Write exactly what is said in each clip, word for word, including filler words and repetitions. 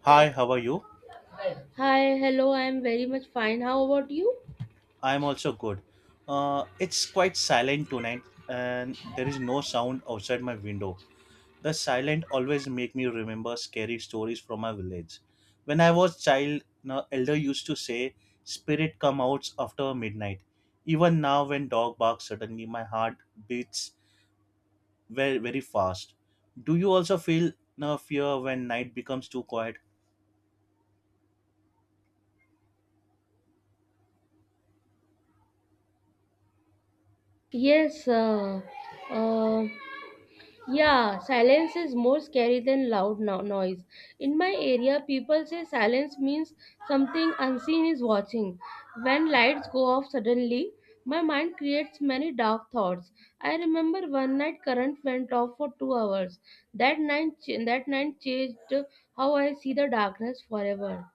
Hi, how are you? Hi, hello, I am very much fine. How about you? I'm also good. Uh, it's quite silent tonight, and there is no sound outside my window. The silent always make me remember scary stories from my village. When I was child, an elder used to say, "Spirit come out after midnight." Even now, when dog barks suddenly, my heart beats very very fast. Do you also feel no fear when night becomes too quiet? Yes, uh, uh, yeah, silence is more scary than loud no- noise. In my area, people say silence means something unseen is watching. When lights go off suddenly, my mind creates many dark thoughts. I remember one night current went off for two hours. That night, ch- that night changed how I see the darkness forever.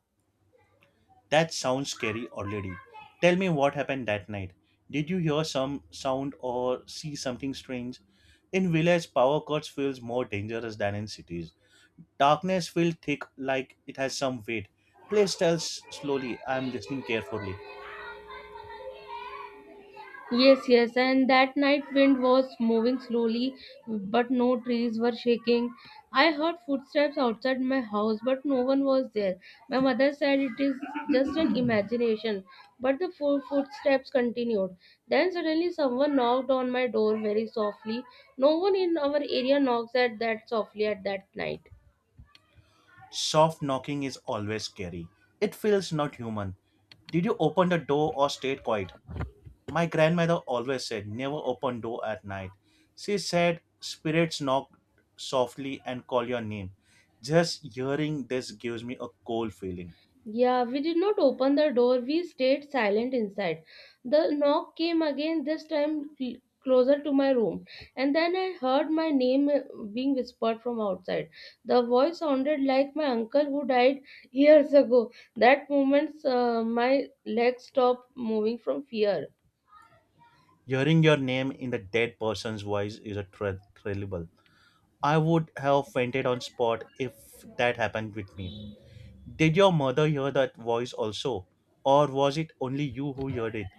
That sounds scary already. Tell me what happened that night. Did you hear some sound or see something strange? In villages, power cuts feels more dangerous than in cities. Darkness feels thick like it has some weight. Please tell s- slowly. I am listening carefully. Yes, yes, and that night wind was moving slowly, but no trees were shaking. I heard footsteps outside my house, but no one was there. My mother said it is just an imagination, but the fo- footsteps continued. Then suddenly someone knocked on my door very softly. No one in our area knocks at that softly at that night. Soft knocking is always scary. It feels not human. Did you open the door or stayed quiet? My grandmother always said, never open door at night. She said, spirits knock softly and call your name. Just hearing this gives me a cold feeling. Yeah, we did not open the door. We stayed silent inside. The knock came again, this time cl- closer to my room. And then I heard my name uh, being whispered from outside. The voice sounded like my uncle who died years ago. That moment, uh, my legs stopped moving from fear. Hearing your name in the dead person's voice is a thrill- thrillable. I would have fainted on spot if that happened with me. Did your mother hear that voice also? Or was it only you who heard it?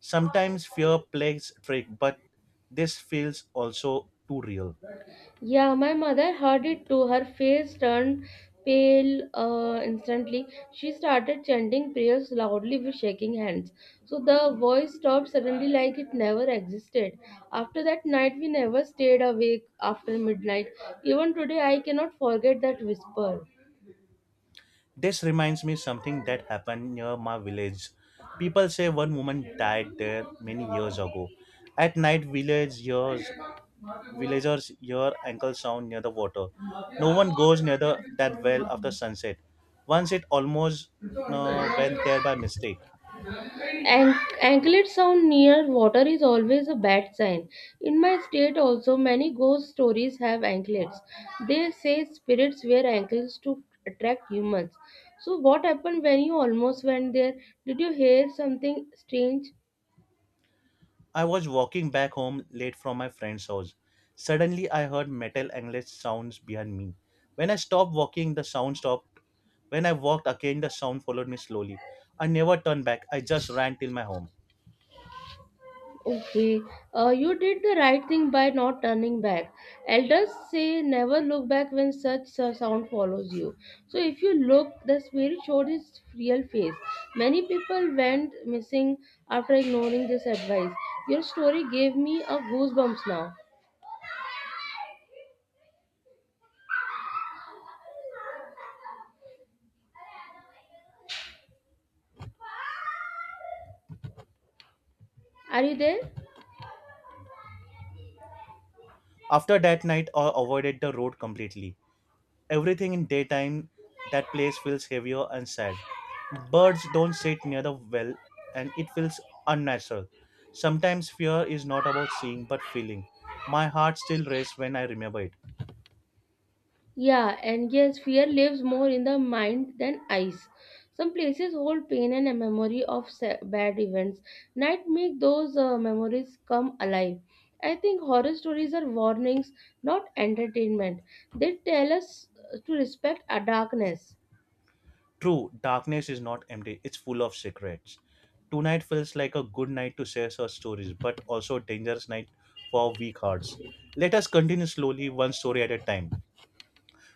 Sometimes fear plays trick, but this feels also too real. Yeah, my mother heard it too. Her face turned pale uh, instantly. She started chanting prayers loudly with shaking hands. So the voice stopped suddenly like it never existed. After that night, we never stayed awake after midnight. Even today, I cannot forget that whisper. This reminds me something that happened near my village. People say one woman died there many years ago. At night, village years, villagers hear ankle sound near the water. No one goes near the, that well after sunset. Once it almost uh, went there by mistake. An- Anklet sound near water is always a bad sign. In my state, also, many ghost stories have anklets. They say spirits wear anklets to attract humans. So, what happened when you almost went there? Did you hear something strange? I was walking back home late from my friend's house. Suddenly, I heard metal angled sounds behind me. When I stopped walking, the sound stopped. When I walked again, the sound followed me slowly. I never turned back. I just ran till my home. Okay, uh, you did the right thing by not turning back. Elders say never look back when such a sound follows you. So if you look, the spirit showed its real face. Many people went missing after ignoring this advice. Your story gave me a goosebumps now. Are you there? After that night, I avoided the road completely. Everything in daytime, that place feels heavier and sad. Birds don't sit near the well, and it feels unnatural. Sometimes fear is not about seeing but feeling. My heart still races when I remember it. Yeah, and yes, fear lives more in the mind than eyes. Some places hold pain and a memory of sa- bad events. Night make those uh, memories come alive. I think horror stories are warnings, not entertainment. They tell us uh, to respect our darkness. True, darkness is not empty, it's full of secrets. Tonight feels like a good night to share our stories, but also a dangerous night for weak hearts. Let us continue slowly, one story at a time.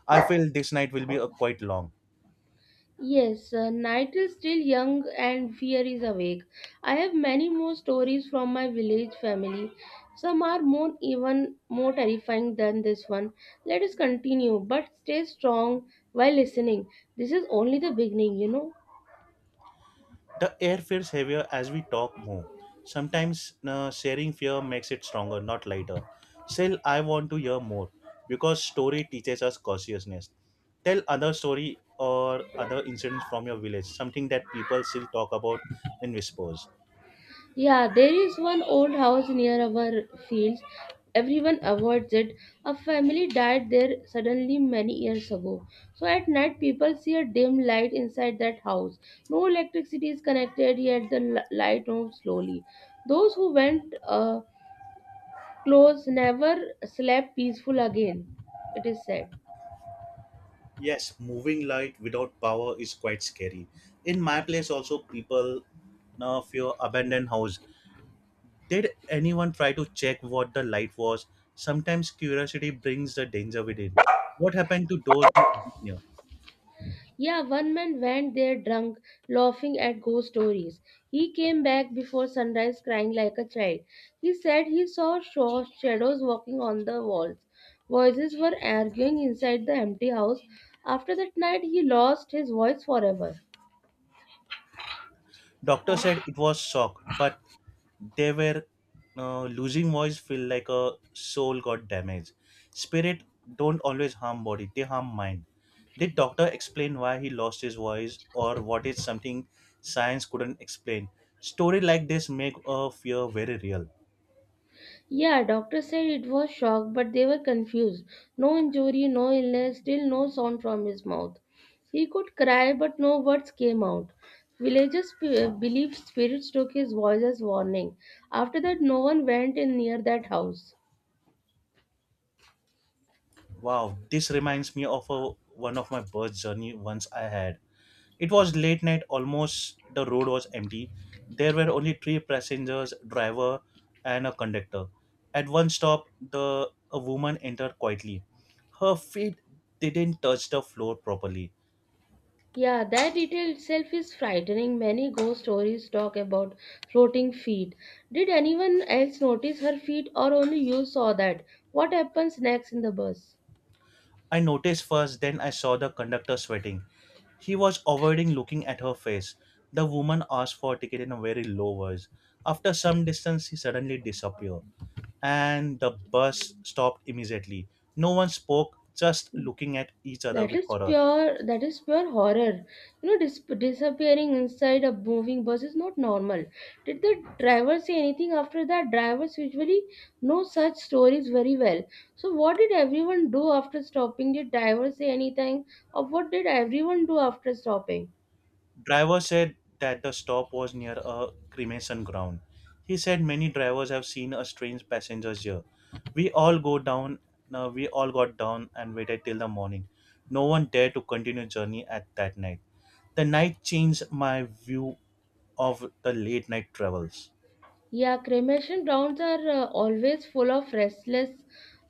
I feel this night will be a quite long. Yes, uh, night is still young and fear is awake. I have many more stories from my village family. Some are more even more terrifying than this one. Let us continue, but stay strong while listening. This is only the beginning, you know. The air feels heavier as we talk more. Sometimes uh, sharing fear makes it stronger, not lighter. Still, I want to hear more because story teaches us cautiousness. Tell other story or other incidents from your village, something that people still talk about in whispers. Yeah, there is one old house near our fields. Everyone avoids it. A family died there suddenly many years ago. So at night, people see a dim light inside that house. No electricity is connected, yet the l- light moves slowly. Those who went uh, close never slept peaceful again, it is said. Yes, moving light without power is quite scary. In my place, also, people now fear abandoned house. Did anyone try to check what the light was? Sometimes curiosity brings the danger within. What happened to those who went near? Yeah, one man went there drunk, laughing at ghost stories. He came back before sunrise crying like a child. He said he saw shaw- shadows walking on the walls. Voices were arguing inside the empty house. After that night, he lost his voice forever. Doctor said it was shock, but they were uh, losing voice feel like a soul got damaged. Spirit don't always harm body, they harm mind. Did doctor explain why he lost his voice or what is something science couldn't explain? Story like this make a fear very real. Yeah, doctor said it was shock, but they were confused. No injury, no illness, still no sound from his mouth. He could cry, but no words came out. Villagers p- believed spirits took his voice as warning. After that, no one went in near that house. Wow, this reminds me of a, one of my birth journey once I had. It was late night, almost the road was empty. There were only three passengers, driver, and a conductor. At one stop, the a woman entered quietly. Her feet didn't touch the floor properly. Yeah, that detail itself is frightening. Many ghost stories talk about floating feet. Did anyone else notice her feet, or only you saw that? What happens next in the bus? I noticed first, then I saw the conductor sweating. He was avoiding looking at her face. The woman asked for a ticket in a very low voice. After some distance, he suddenly disappeared, and the bus stopped immediately. No one spoke, just looking at each other That with is horror. pure. That is pure horror. You know, dis- disappearing inside a moving bus is not normal. Did the driver say anything after that? Drivers usually know such stories very well. So, what did everyone do after stopping? Did drivers say anything, or what did everyone do after stopping? Driver said that the stop was near a cremation ground. He said many drivers have seen a strange passengers here. We all go down. No, we all got down and waited till the morning. No one dared to continue journey at that night. The night changed my view of the late night travels. Yeah, cremation grounds are uh, always full of restless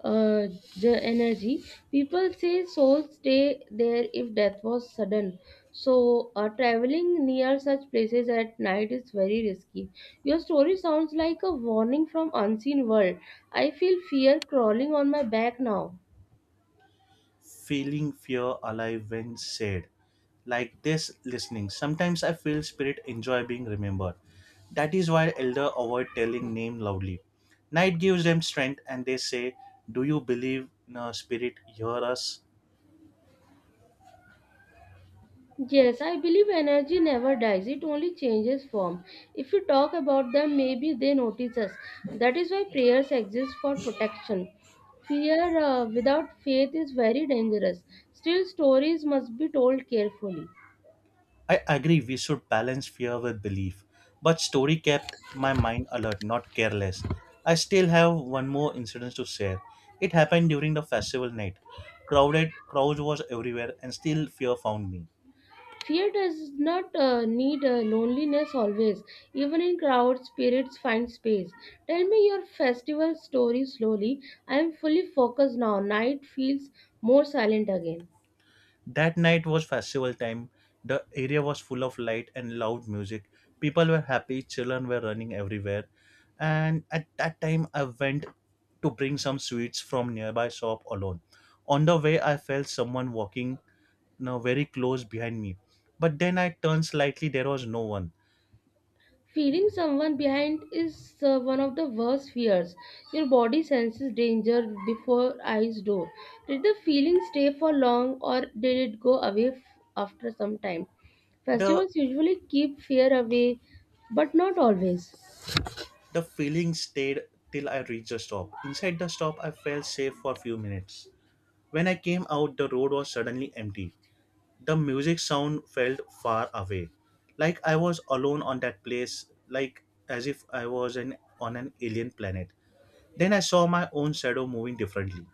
uh, the energy. People say souls stay there if death was sudden. So, uh, traveling near such places at night is very risky. Your story sounds like a warning from unseen world. I feel fear crawling on my back now. Feeling fear alive when said, like this listening. Sometimes I feel spirit enjoy being remembered. That is why elder avoid telling name loudly. Night gives them strength and they say, do you believe in a spirit? Hear us. Yes, I believe energy never dies, it only changes form. If we talk about them, maybe they notice us. That is why prayers exist for protection. Fear uh, without faith is very dangerous. Still, stories must be told carefully. I agree we should balance fear with belief. But story kept my mind alert, not careless. I still have one more incident to share. It happened during the festival night. Crowded crowd was everywhere and still fear found me. Fear does not uh, need uh, loneliness always. Even in crowds, spirits find space. Tell me your festival story slowly. I am fully focused now. Night feels more silent again. That night was festival time. The area was full of light and loud music. People were happy, children were running everywhere. And at that time, I went to bring some sweets from nearby shop alone. On the way, I felt someone walking now very close behind me. But then I turned slightly, there was no one. Feeling someone behind is uh, one of the worst fears. Your body senses danger before eyes do. Did the feeling stay for long or did it go away f- after some time? The Festivals usually keep fear away, but not always. the feeling stayed till I reached the stop. Inside the stop, I felt safe for a few minutes. When I came out, the road was suddenly empty. The music sound felt far away, like I was alone on that place, like as if I was an, on an alien planet. Then I saw my own shadow moving differently.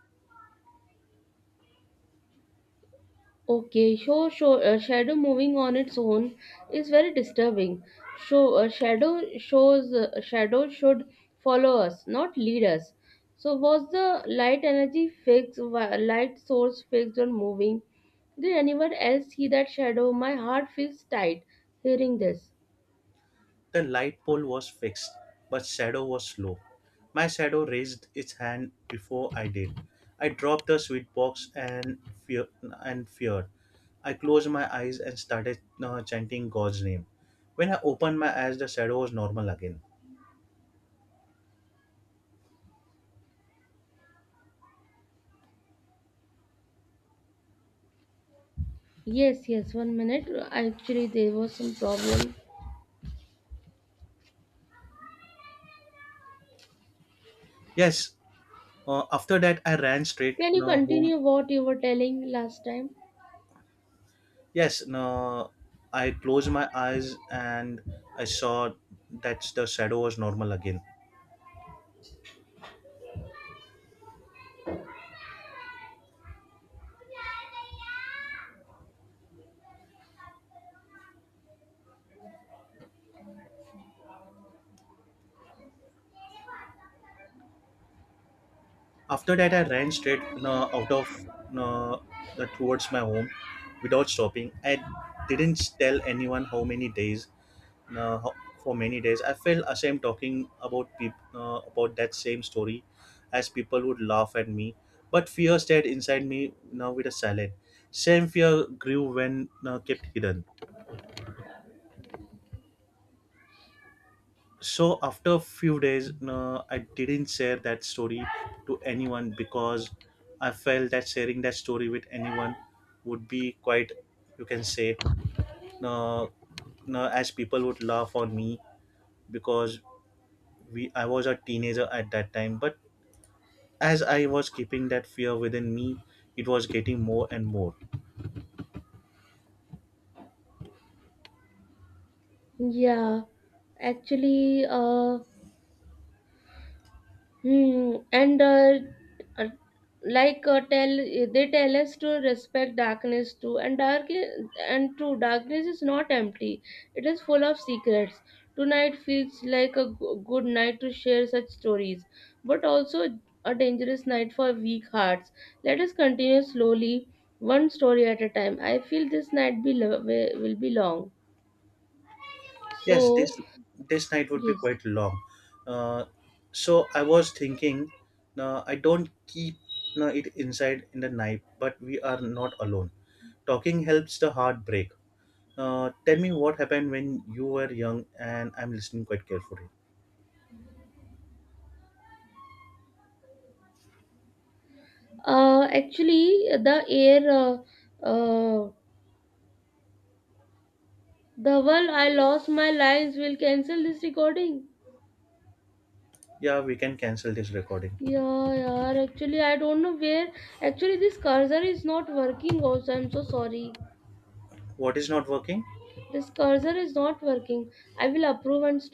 Okay, so show, uh, shadow moving on its own is very disturbing. So uh, shadow shows uh, shadow should follow us, not lead us. So was the light energy fixed, wi- light source fixed on moving? Did anyone else see that shadow? My heart feels tight hearing this. The light pole was fixed, but shadow was slow. My shadow raised its hand before I did. I dropped the sweet box and fear and feared. I closed my eyes and started uh, chanting god's name. When I opened my eyes, the shadow was normal again. Yes, yes. One minute. Actually, there was some problem. Yes, uh, after that I ran straight Can you uh, home. continue what you were telling last time? Yes, no, I closed my eyes and I saw that the shadow was normal again. After that, I ran straight no, out of no, the, towards my home without stopping. I didn't tell anyone how many days. No, ho- for many days, I felt ashamed talking about peop, no, about that same story, as people would laugh at me. But fear stayed inside me now with a silent. Same fear grew when no, kept hidden. So after a few days, no, I didn't share that story to anyone, because I felt that sharing that story with anyone would be quite, you can say, no, no, as people would laugh on me, because we I was a teenager at that time, but as I was keeping that fear within me, it was getting more and more. Yeah, actually, uh. Hmm. And uh, uh, like uh, tell they tell us to respect darkness too, and dark i- and true darkness is not empty. It is full of secrets. Tonight feels like a go- good night to share such stories, but also a dangerous night for weak hearts. Let us continue slowly, one story at a time. I feel this night be lo- wi- will be long. Yes, So this this night would be yes, quite long. Uh, so I was thinking, uh, I don't keep uh, it inside in the night, but we are not alone. Talking helps the heart break. Uh, tell me what happened when you were young, and I'm listening quite carefully. uh, actually the air. Uh, uh, The one I lost my lines will cancel this recording. Yeah, we can cancel this recording. Yeah, yeah. Actually, I don't know where. Actually, this cursor is not working. Also, I'm so sorry. What is not working? This cursor is not working. I will approve and stop.